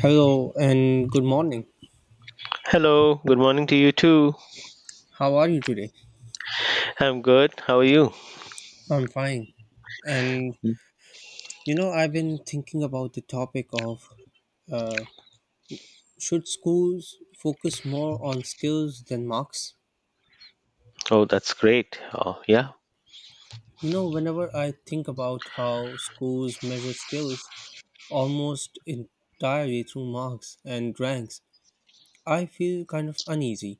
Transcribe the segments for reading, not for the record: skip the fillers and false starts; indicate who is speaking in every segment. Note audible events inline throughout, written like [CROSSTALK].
Speaker 1: Hello and good morning.
Speaker 2: Hello, good morning to you too.
Speaker 1: How are you today?
Speaker 2: I'm good. How are you?
Speaker 1: I'm fine. And
Speaker 2: Mm.
Speaker 1: I've been thinking about the topic of, should schools focus more on skills than marks?
Speaker 2: Oh, that's great. Oh, yeah.
Speaker 1: You know, whenever I think about how schools measure skills almost entirely through marks and ranks, I feel kind of uneasy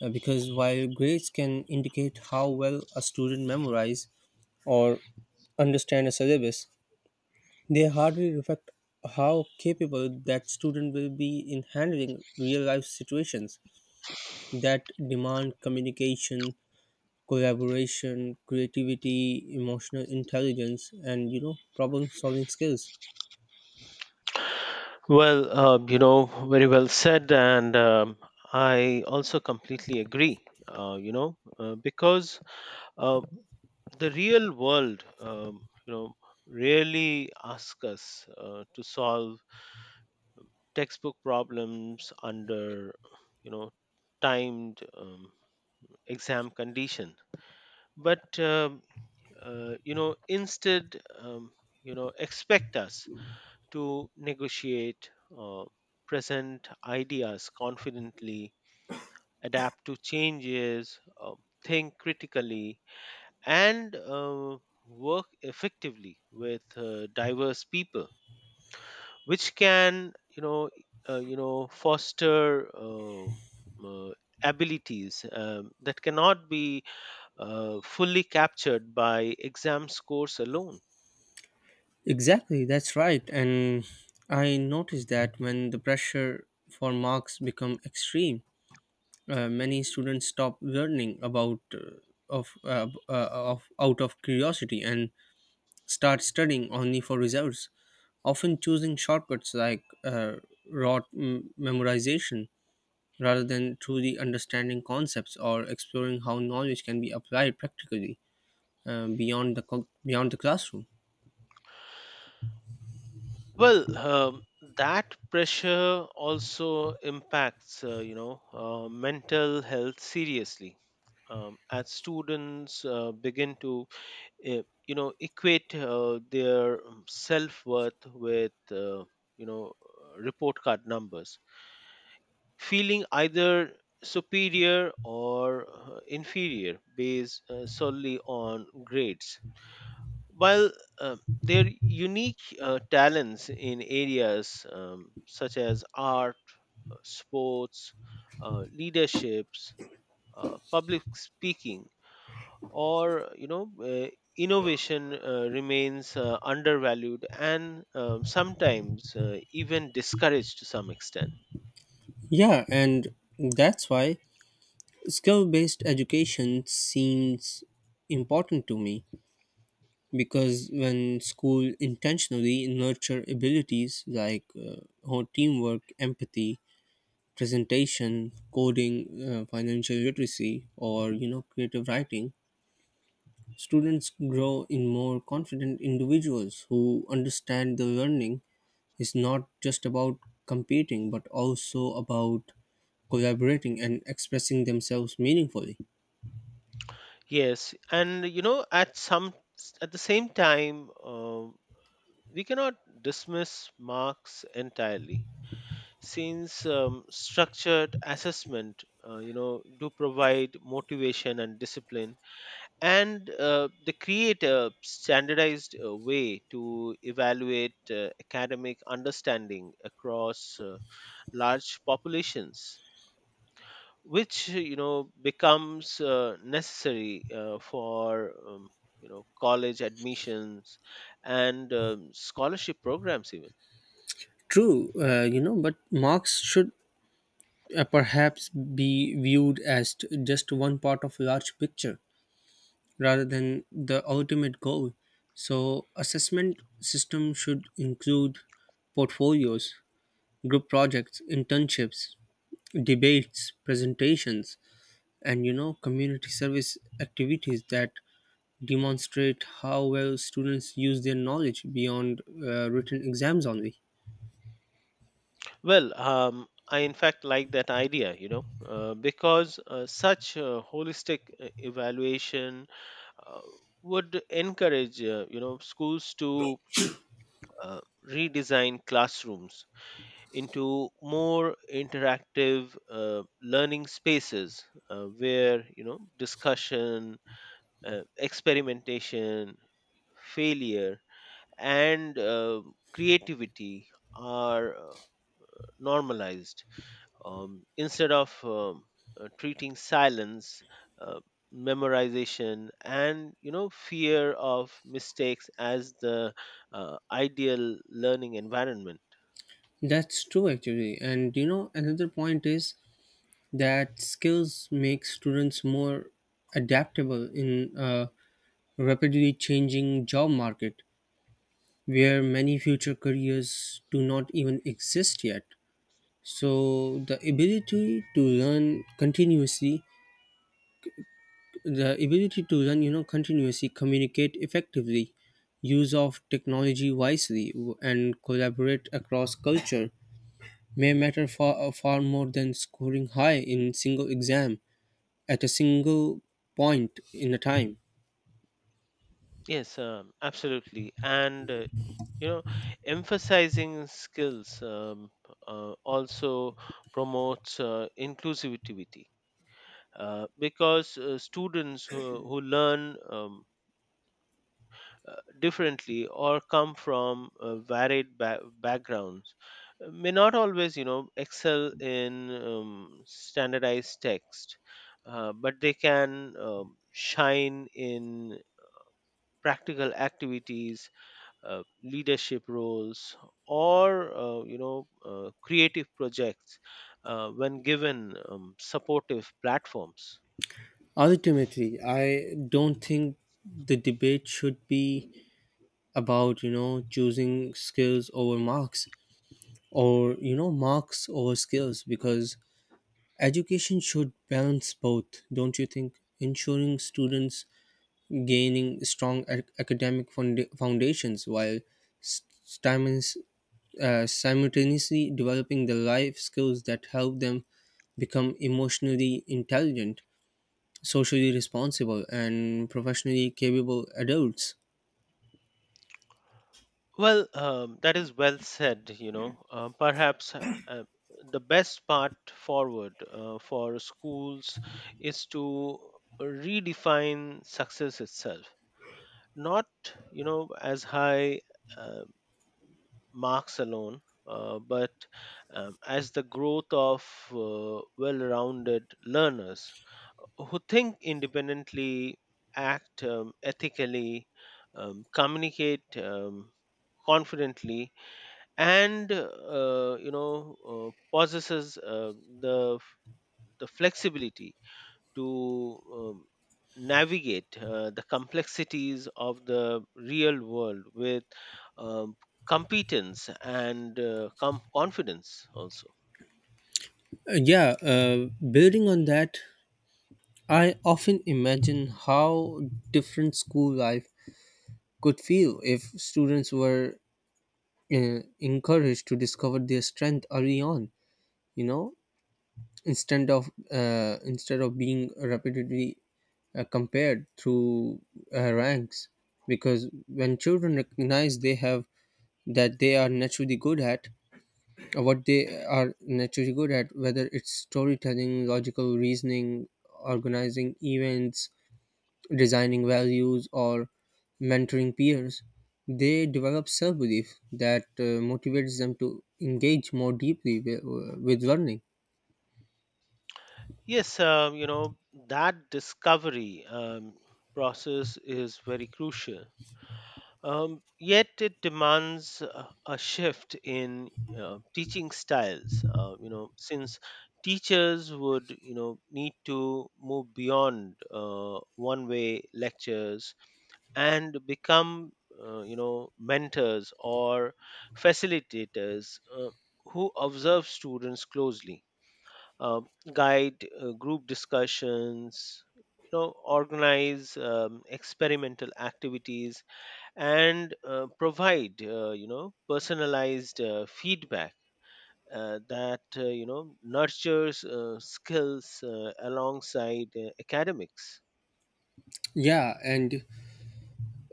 Speaker 1: because while grades can indicate how well a student memorizes or understand a syllabus, they hardly reflect how capable that student will be in handling real life situations that demand communication, collaboration, creativity, emotional intelligence, and problem solving skills.
Speaker 2: Well, very well said. And I also completely agree because uh, the real world really asks us to solve textbook problems under, you know, timed exam condition. But, instead, expect us to negotiate, uh, present ideas confidently, adapt to changes, think critically, and work effectively with diverse people, which can foster uh, abilities that cannot be fully captured by exam scores alone.
Speaker 1: Exactly, that's right. And I noticed that when the pressure for marks become extreme, many students stop learning about of out of curiosity and start studying only for results, often choosing shortcuts like rote memorization rather than truly understanding concepts or exploring how knowledge can be applied practically beyond the classroom.
Speaker 2: Well, that pressure also impacts mental health seriously. As students begin to equate their self worth with report card numbers, feeling either superior or inferior based solely on grades, while their unique talents in areas such as art, sports, leaderships, public speaking, or innovation remains undervalued and sometimes even discouraged to some extent.
Speaker 1: Yeah, and that's why skill based education seems important to me, because when school intentionally nurture abilities like whole teamwork, empathy, presentation, coding, financial literacy, or creative writing, students grow in more confident individuals who understand the learning is not just about competing but also about collaborating and expressing themselves meaningfully.
Speaker 2: Yes, and at the same time, we cannot dismiss Marx entirely, since structured assessment do provide motivation and discipline, and they create a standardized way to evaluate academic understanding across large populations, which becomes necessary for college admissions and scholarship programs even.
Speaker 1: True, but marks should perhaps be viewed as just one part of large picture rather than the ultimate goal. So, assessment system should include portfolios, group projects, internships, debates, presentations, and community service activities that demonstrate how well students use their knowledge beyond written exams only.
Speaker 2: Well, I in fact like that idea, because such holistic evaluation uh, would encourage schools to uh, redesign classrooms into more interactive learning spaces where, discussion, experimentation, failure, and creativity are normalized. Instead of treating silence, uh, memorization, and fear of mistakes as the ideal learning environment.
Speaker 1: That's true actually. And another point is that skills make students more adaptable in rapidly changing job market where many future careers do not even exist yet, so the ability to learn, continuously communicate effectively, use of technology wisely and collaborate across culture may matter far, far more than scoring high in single exam at a single point in a time.
Speaker 2: Yes, absolutely, and you know emphasizing skills also promotes inclusivity because students who learn differently or come from varied backgrounds, may not always excel in standardized text, but they can shine in practical activities, leadership roles, or creative projects when given supportive platforms.
Speaker 1: Ultimately, I don't think the debate should be about choosing skills over marks or marks over skills, because education should balance both, don't you think, ensuring students gaining strong academic foundations while s- stimus- simultaneously developing the life skills that help them become emotionally intelligent, socially responsible, and professionally capable adults.
Speaker 2: Well, that is well said. Perhaps the best part forward for schools is to redefine success itself, not as high uh, marks alone, but as the growth of well-rounded learners who think independently, act ethically, communicate confidently, and possesses the flexibility to navigate the complexities of the real world with um, competence and confidence also.
Speaker 1: Uh, yeah uh, Building on that, I often imagine how different school life could feel if students were encouraged to discover their strength early on. You know, instead of being repeatedly compared through ranks, because when children recognize they have that they are naturally good at what they are naturally good at, whether it's storytelling, logical reasoning, organizing events, designing values, or mentoring peers, they develop self belief that motivates them to engage more deeply with learning.
Speaker 2: Yes, that discovery process is very crucial. Yet it demands a shift in teaching styles. Since teachers would need to move beyond one-way lectures and become mentors or facilitators who observe students closely, uh, guide group discussions, organize experimental activities, and provide personalized feedback that nurtures skills alongside academics.
Speaker 1: Yeah, and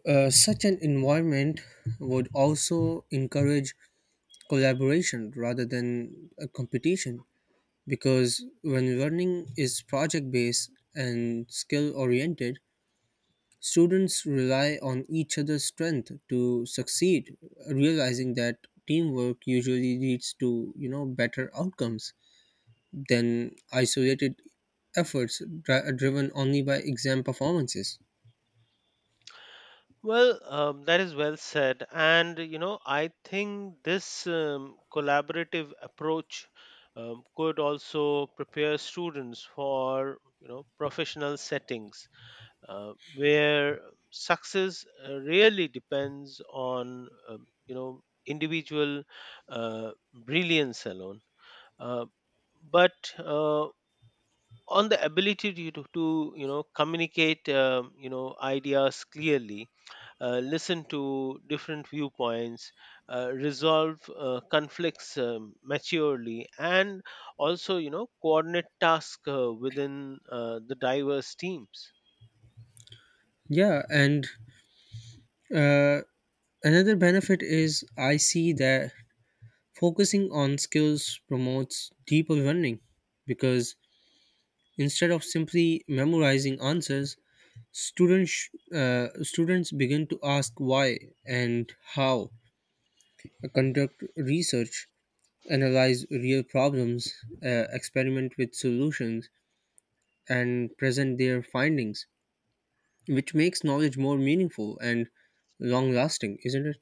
Speaker 1: such an environment would also encourage collaboration rather than a competition, because when learning is project based and skill oriented, students rely on each other's strength to succeed, realizing that teamwork usually leads to better outcomes than isolated efforts driven only by exam performances.
Speaker 2: Well, that is well said, and I think this collaborative approach could also prepare students for professional settings where success really depends on individual brilliance alone, uh, but on the ability to, communicate ideas clearly, listen to different viewpoints, resolve conflicts maturely, and also coordinate tasks within the diverse teams.
Speaker 1: Yeah, and uh, another benefit is I see that focusing on skills promotes deeper learning, because instead of simply memorizing answers, Students, students begin to ask why and how, conduct research, analyze real problems, experiment with solutions, and present their findings, which makes knowledge more meaningful and long lasting, isn't it?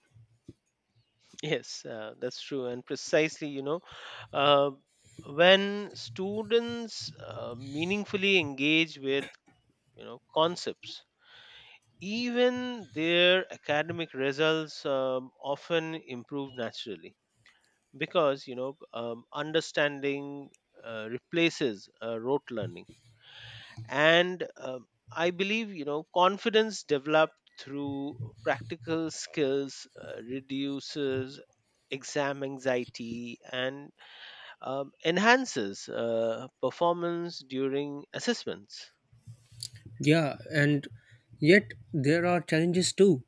Speaker 2: Yes, that's true. And precisely, uh, when students meaningfully engage with, concepts, even their academic results often improve naturally because, understanding replaces rote learning, and I believe confidence developed through practical skills reduces exam anxiety and enhances performance during assessments.
Speaker 1: Yeah, and yet there are challenges too,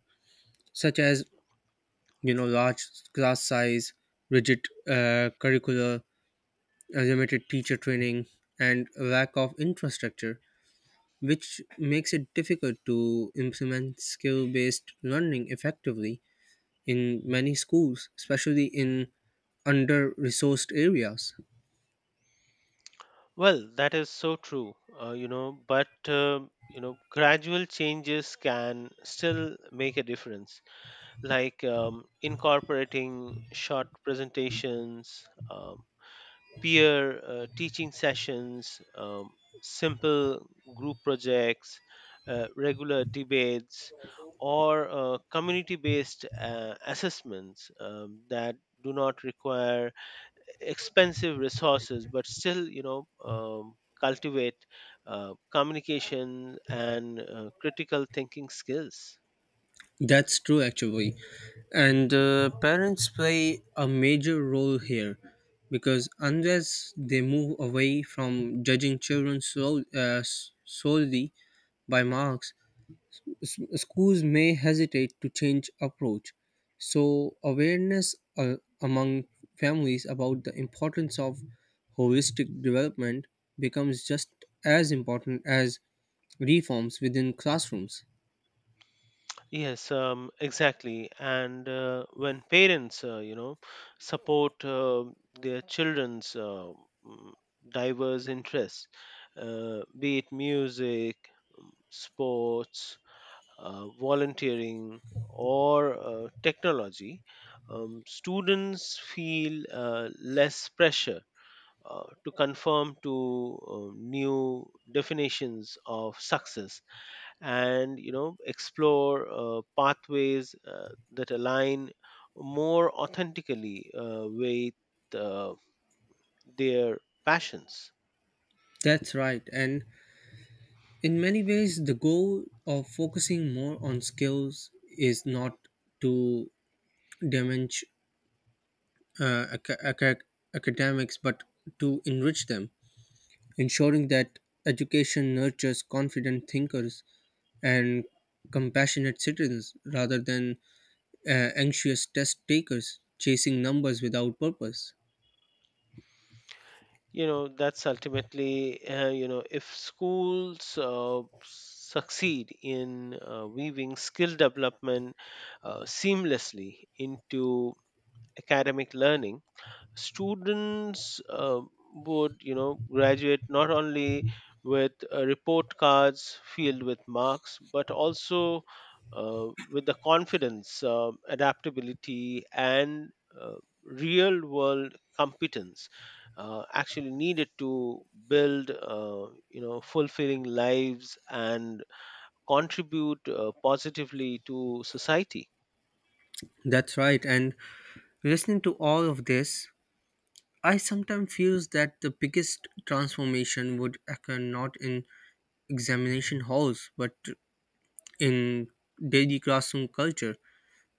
Speaker 1: such as large class size, rigid curricula, limited teacher training, and lack of infrastructure, which makes it difficult to implement skill based learning effectively in many schools, especially in under resourced areas.
Speaker 2: Well, that is so true. But gradual changes can still make a difference, like incorporating short presentations, peer teaching sessions, simple group projects, regular debates, or community based assessments that do not require expensive resources but still cultivate communication and critical thinking skills.
Speaker 1: That's true, actually. And parents play a major role here, because unless they move away from judging children solely by marks, s- schools may hesitate to change approach. So awareness among families about the importance of holistic development becomes just as important as reforms within classrooms.
Speaker 2: Yes, exactly. And when parents, support their children's mm, diverse interests, be it music, sports, volunteering, or technology, students feel less pressure to conform to new definitions of success and explore pathways that align more authentically with uh, their passions.
Speaker 1: That's right. And in many ways the goal of focusing more on skills is not to damage uh, aca- aca- academics but to enrich them, ensuring that education nurtures confident thinkers and compassionate citizens rather than anxious test takers chasing numbers without purpose.
Speaker 2: That's ultimately, if schools succeed in weaving skill development seamlessly into academic learning, students would graduate not only with report cards filled with marks, but also with the confidence, adaptability, and uh, real world competence actually needed to build fulfilling lives and contribute positively to society.
Speaker 1: That's right. And listening to all of this, I sometimes feels that the biggest transformation would occur not in examination halls but in daily classroom culture,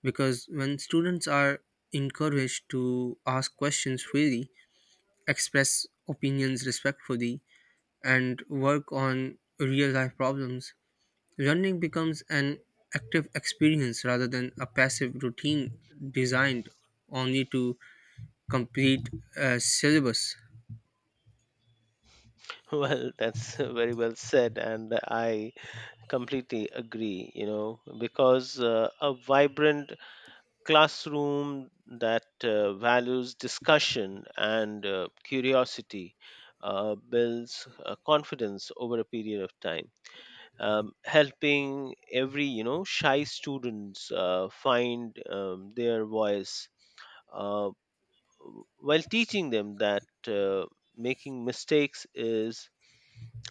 Speaker 1: because when students are encouraged to ask questions freely, express opinions respectfully, and work on real life problems, learning becomes an active experience rather than a passive routine designed only to complete a syllabus.
Speaker 2: [LAUGHS] Well, that's very well said, and I completely agree, because a vibrant classroom that values discussion and curiosity builds confidence over a period of time, helping every shy students find their voice, uh, while teaching them that making mistakes is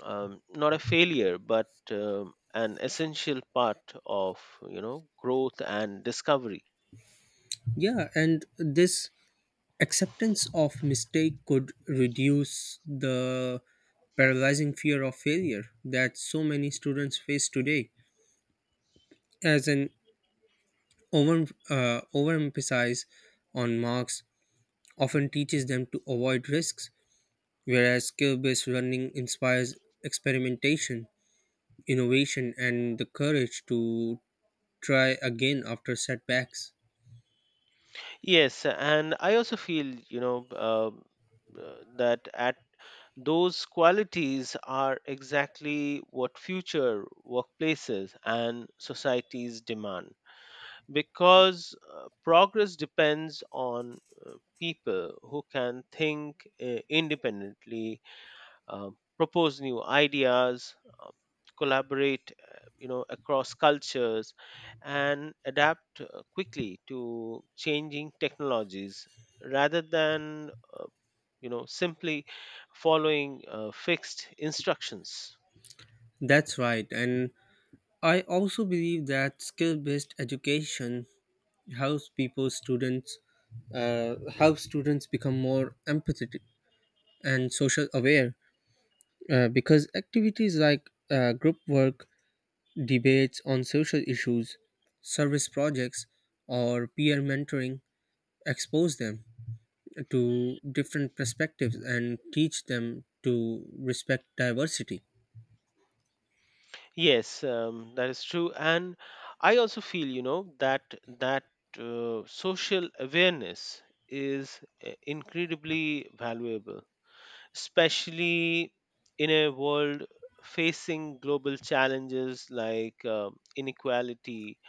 Speaker 2: not a failure but an essential part of growth and discovery.
Speaker 1: Yeah, and this acceptance of mistake could reduce the paralyzing fear of failure that so many students face today, as an over overemphasize on marks often teaches them to avoid risks, whereas skill based running inspires experimentation, innovation, and the courage to try again after setbacks.
Speaker 2: Yes, and I also feel you know that at those qualities are exactly what future workplaces and societies demand, because progress depends on uh, people who can think independently, uh, propose new ideas, uh, collaborate, across cultures, and adapt quickly to changing technologies rather than, uh, simply following fixed instructions.
Speaker 1: That's right, and I also believe that skill based education helps people, students, helps students become more empathetic and social aware, because activities like group work, debates on social issues, service projects, or peer mentoring expose them to different perspectives and teach them to respect diversity.
Speaker 2: Yes, that is true, and I also feel, that social awareness is incredibly valuable, especially in a world facing global challenges like inequality,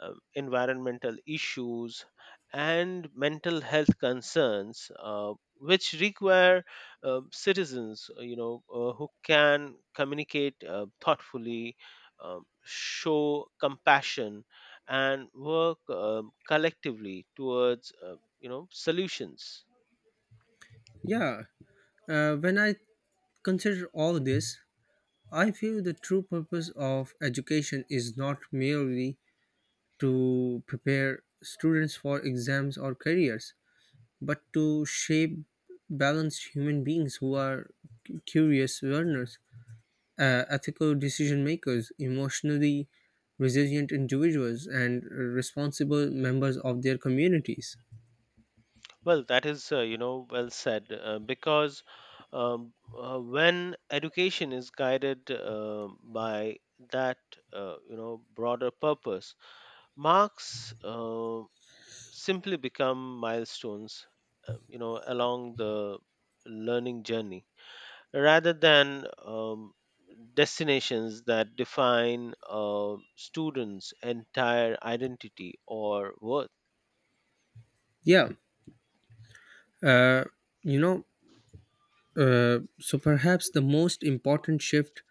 Speaker 2: environmental issues, and mental health concerns, which require citizens, who can communicate thoughtfully, show compassion, and work collectively towards, solutions.
Speaker 1: Yeah, when I consider all this, I feel the true purpose of education is not merely to prepare students for exams or careers, but to shape balanced human beings who are curious learners, ethical decision makers, emotionally resilient individuals, and responsible members of their communities.
Speaker 2: Well, that is, well said. Because when education is guided by that, broader purpose, marks simply become milestones, along the learning journey rather than destinations that define students' entire identity or worth.
Speaker 1: Yeah, uh, you know, so perhaps the most important shift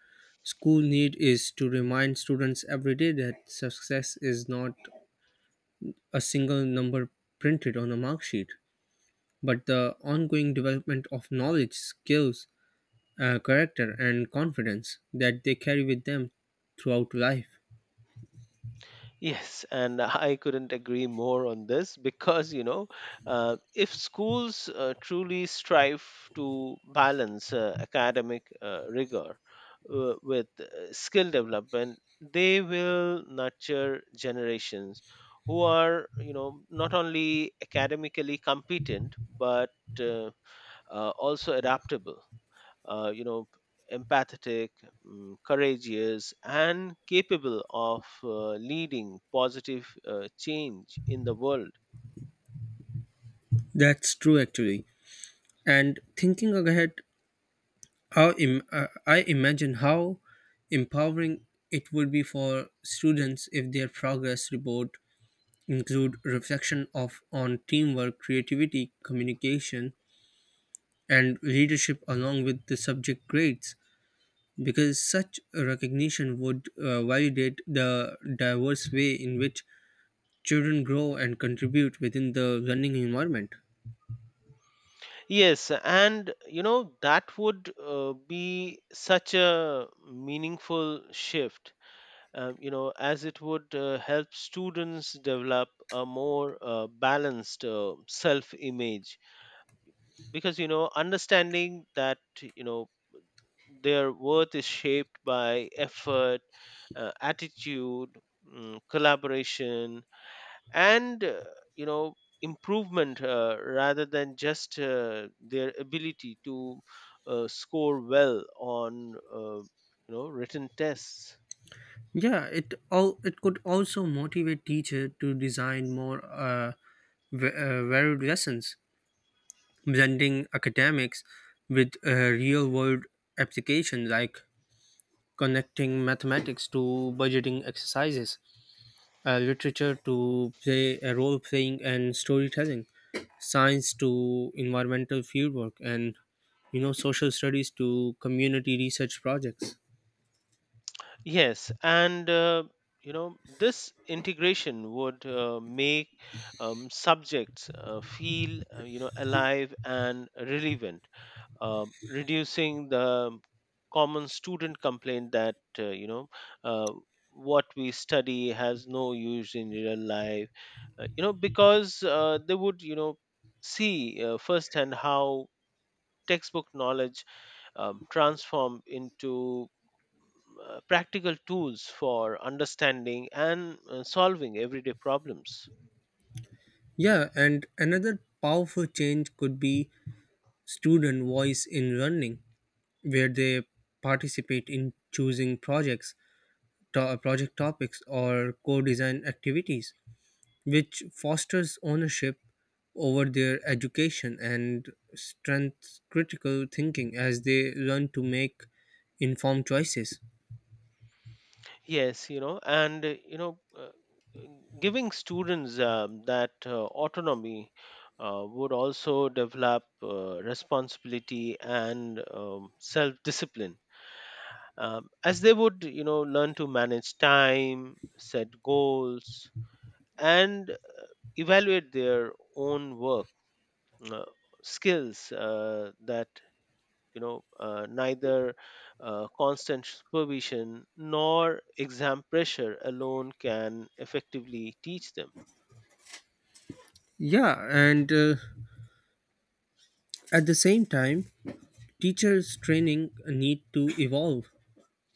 Speaker 1: school need is to remind students every day that success is not a single number printed on a mark sheet, but the ongoing development of knowledge, skills, character, and confidence that they carry with them throughout life.
Speaker 2: Yes, and I couldn't agree more on this because, if schools truly strive to balance academic rigor with skill development, they will nurture generations who are, not only academically competent, but uh, also adaptable, uh, you know empathetic, courageous, and capable of leading positive change in the world.
Speaker 1: That's true, actually. And thinking ahead, I imagine how empowering it would be for students if their progress report include reflection of on teamwork, creativity, communication, and leadership along with the subject grades. Because such a recognition would validate the diverse way in which children grow and contribute within the learning environment.
Speaker 2: Yes, and that would be such a meaningful shift, as it would help students develop a more balanced self image, because understanding that you know their worth is shaped by effort, attitude, collaboration, and you know improvement rather than just their ability to score well on written tests.
Speaker 1: Yeah, it could also motivate teacher to design more varied lessons, blending academics with real world application, like connecting mathematics to budgeting exercises, literature to play role playing and storytelling, science to environmental fieldwork, and social studies to community research projects.
Speaker 2: Yes, and this integration would make subjects feel alive and relevant, reducing the common student complaint that uh, what we study has no use in real life, because they would see firsthand how textbook knowledge transform into practical tools for understanding and solving everyday problems.
Speaker 1: Yeah, and another powerful change could be student voice in running, where they participate in choosing projects, project topics, or co-design activities, which fosters ownership over their education and strengthens critical thinking as they learn to make informed choices.
Speaker 2: Yes, giving students that autonomy would also develop responsibility and self-discipline, as they would, learn to manage time, set goals, and evaluate their own work, uh, skills that neither constant supervision nor exam pressure alone can effectively teach them.
Speaker 1: Yeah, and at the same time, teachers' training need to evolve,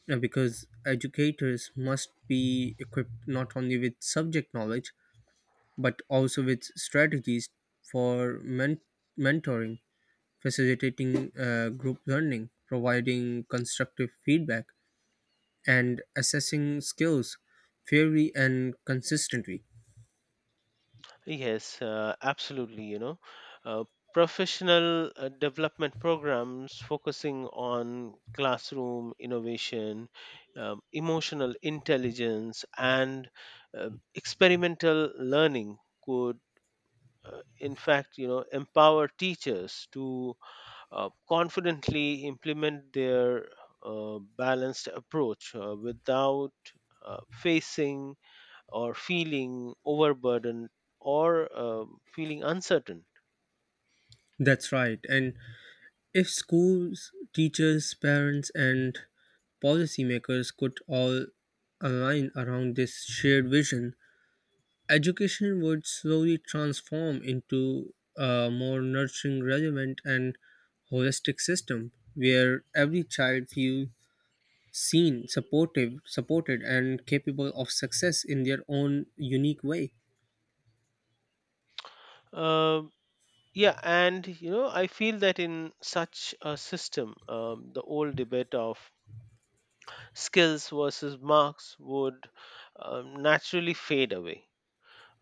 Speaker 1: because educators must be equipped not only with subject knowledge but also with strategies for mentoring, facilitating group learning, providing constructive feedback, and assessing skills fairly and consistently.
Speaker 2: Yes, absolutely. Uh, Professional development programs focusing on classroom innovation, emotional intelligence, and experimental learning could, in fact, empower teachers to confidently implement their balanced approach without facing or feeling overburdened or feeling uncertain.
Speaker 1: That's right. And if schools, teachers, parents, and policymakers could all align around this shared vision, education would slowly transform into a more nurturing, relevant, and holistic system where every child feels seen, supported, and capable of success in their own unique way.
Speaker 2: Um yeah, and I feel that in such a system, the old debate of skills versus marks would naturally fade away,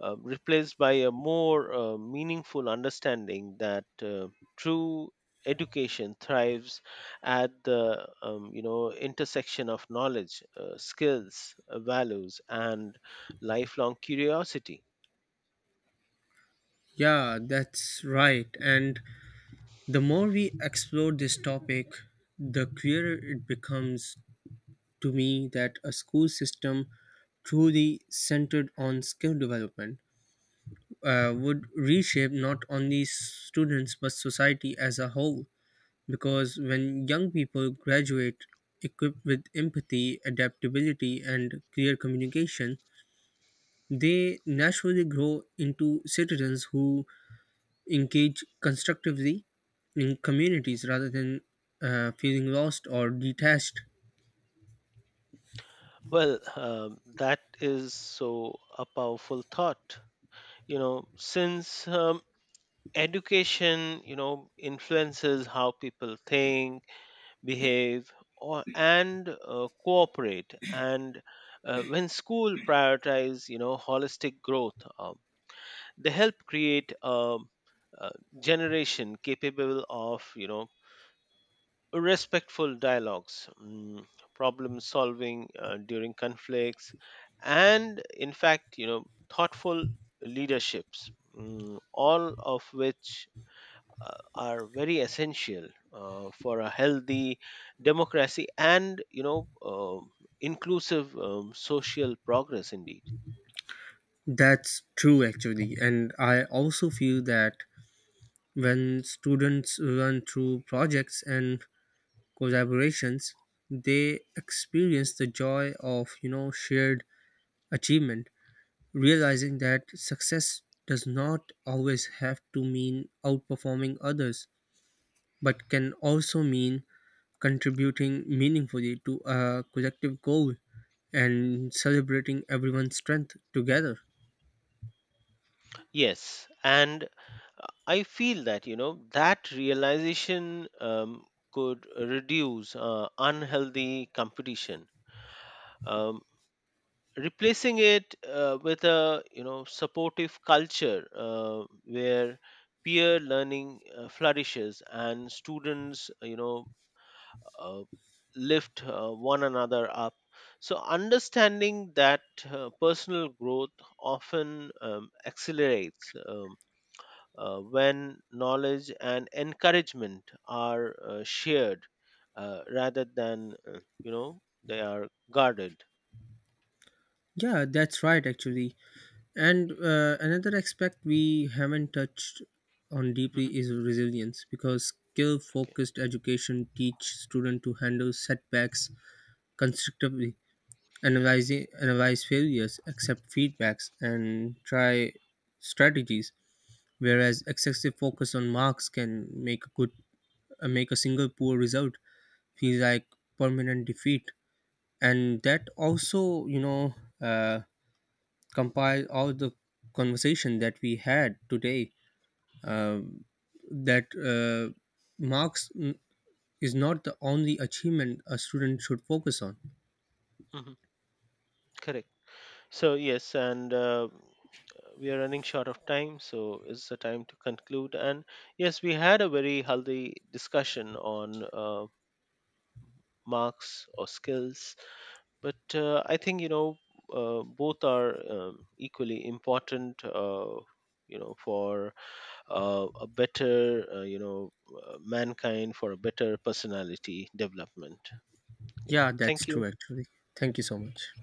Speaker 2: replaced by a more meaningful understanding that true education thrives at the intersection of knowledge, skills, values, and lifelong curiosity.
Speaker 1: Yeah, that's right. And the more we explore this topic, the clearer it becomes to me that a school system truly centered on skill development would reshape not only students but society as a whole. Because when young people graduate equipped with empathy, adaptability, and clear communication, they naturally grow into citizens who engage constructively in communities rather than feeling lost or detached.
Speaker 2: Well, that is so a powerful thought, since education influences how people think, behave, or and cooperate, and when school prioritize holistic growth, they help create a generation capable of respectful dialogues, problem solving during conflicts, and in fact thoughtful leaderships, all of which are very essential for a healthy democracy and inclusive social progress indeed.
Speaker 1: That's true, actually. And I also feel that when students learn through projects and collaborations, they experience the joy of shared achievement, realizing that success does not always have to mean outperforming others, but can also mean contributing meaningfully to a collective goal and celebrating everyone's strength together.
Speaker 2: Yes, and I feel that that realization could reduce unhealthy competition, um, replacing it with a supportive culture where peer learning flourishes and students uh, lift one another up. So, understanding that personal growth often accelerates when knowledge and encouragement are shared rather than, they are guarded.
Speaker 1: Yeah, that's right, actually. And another aspect we haven't touched on
Speaker 2: Mhm.
Speaker 1: deeply is resilience, because skill
Speaker 2: Okay.
Speaker 1: focused education teach students to handle setbacks constructively, analyzing analyze failures, accept feedbacks, and try strategies. Whereas excessive focus on marks can make a good make a single poor result feel like permanent defeat, and that also you know. Uh, compile all the conversation that we had today, um, that uh, marks is not the only achievement a student should focus on.
Speaker 2: Mhm. Correct. So, yes, and we are running short of time, so it's the time to conclude. And yes, we had a very healthy discussion on marks or skills, but I think both are equally important for a better, mankind, for a better personality development, yeah.
Speaker 1: Yeah, that's
Speaker 2: Thank you.
Speaker 1: true actually. Thank you so much.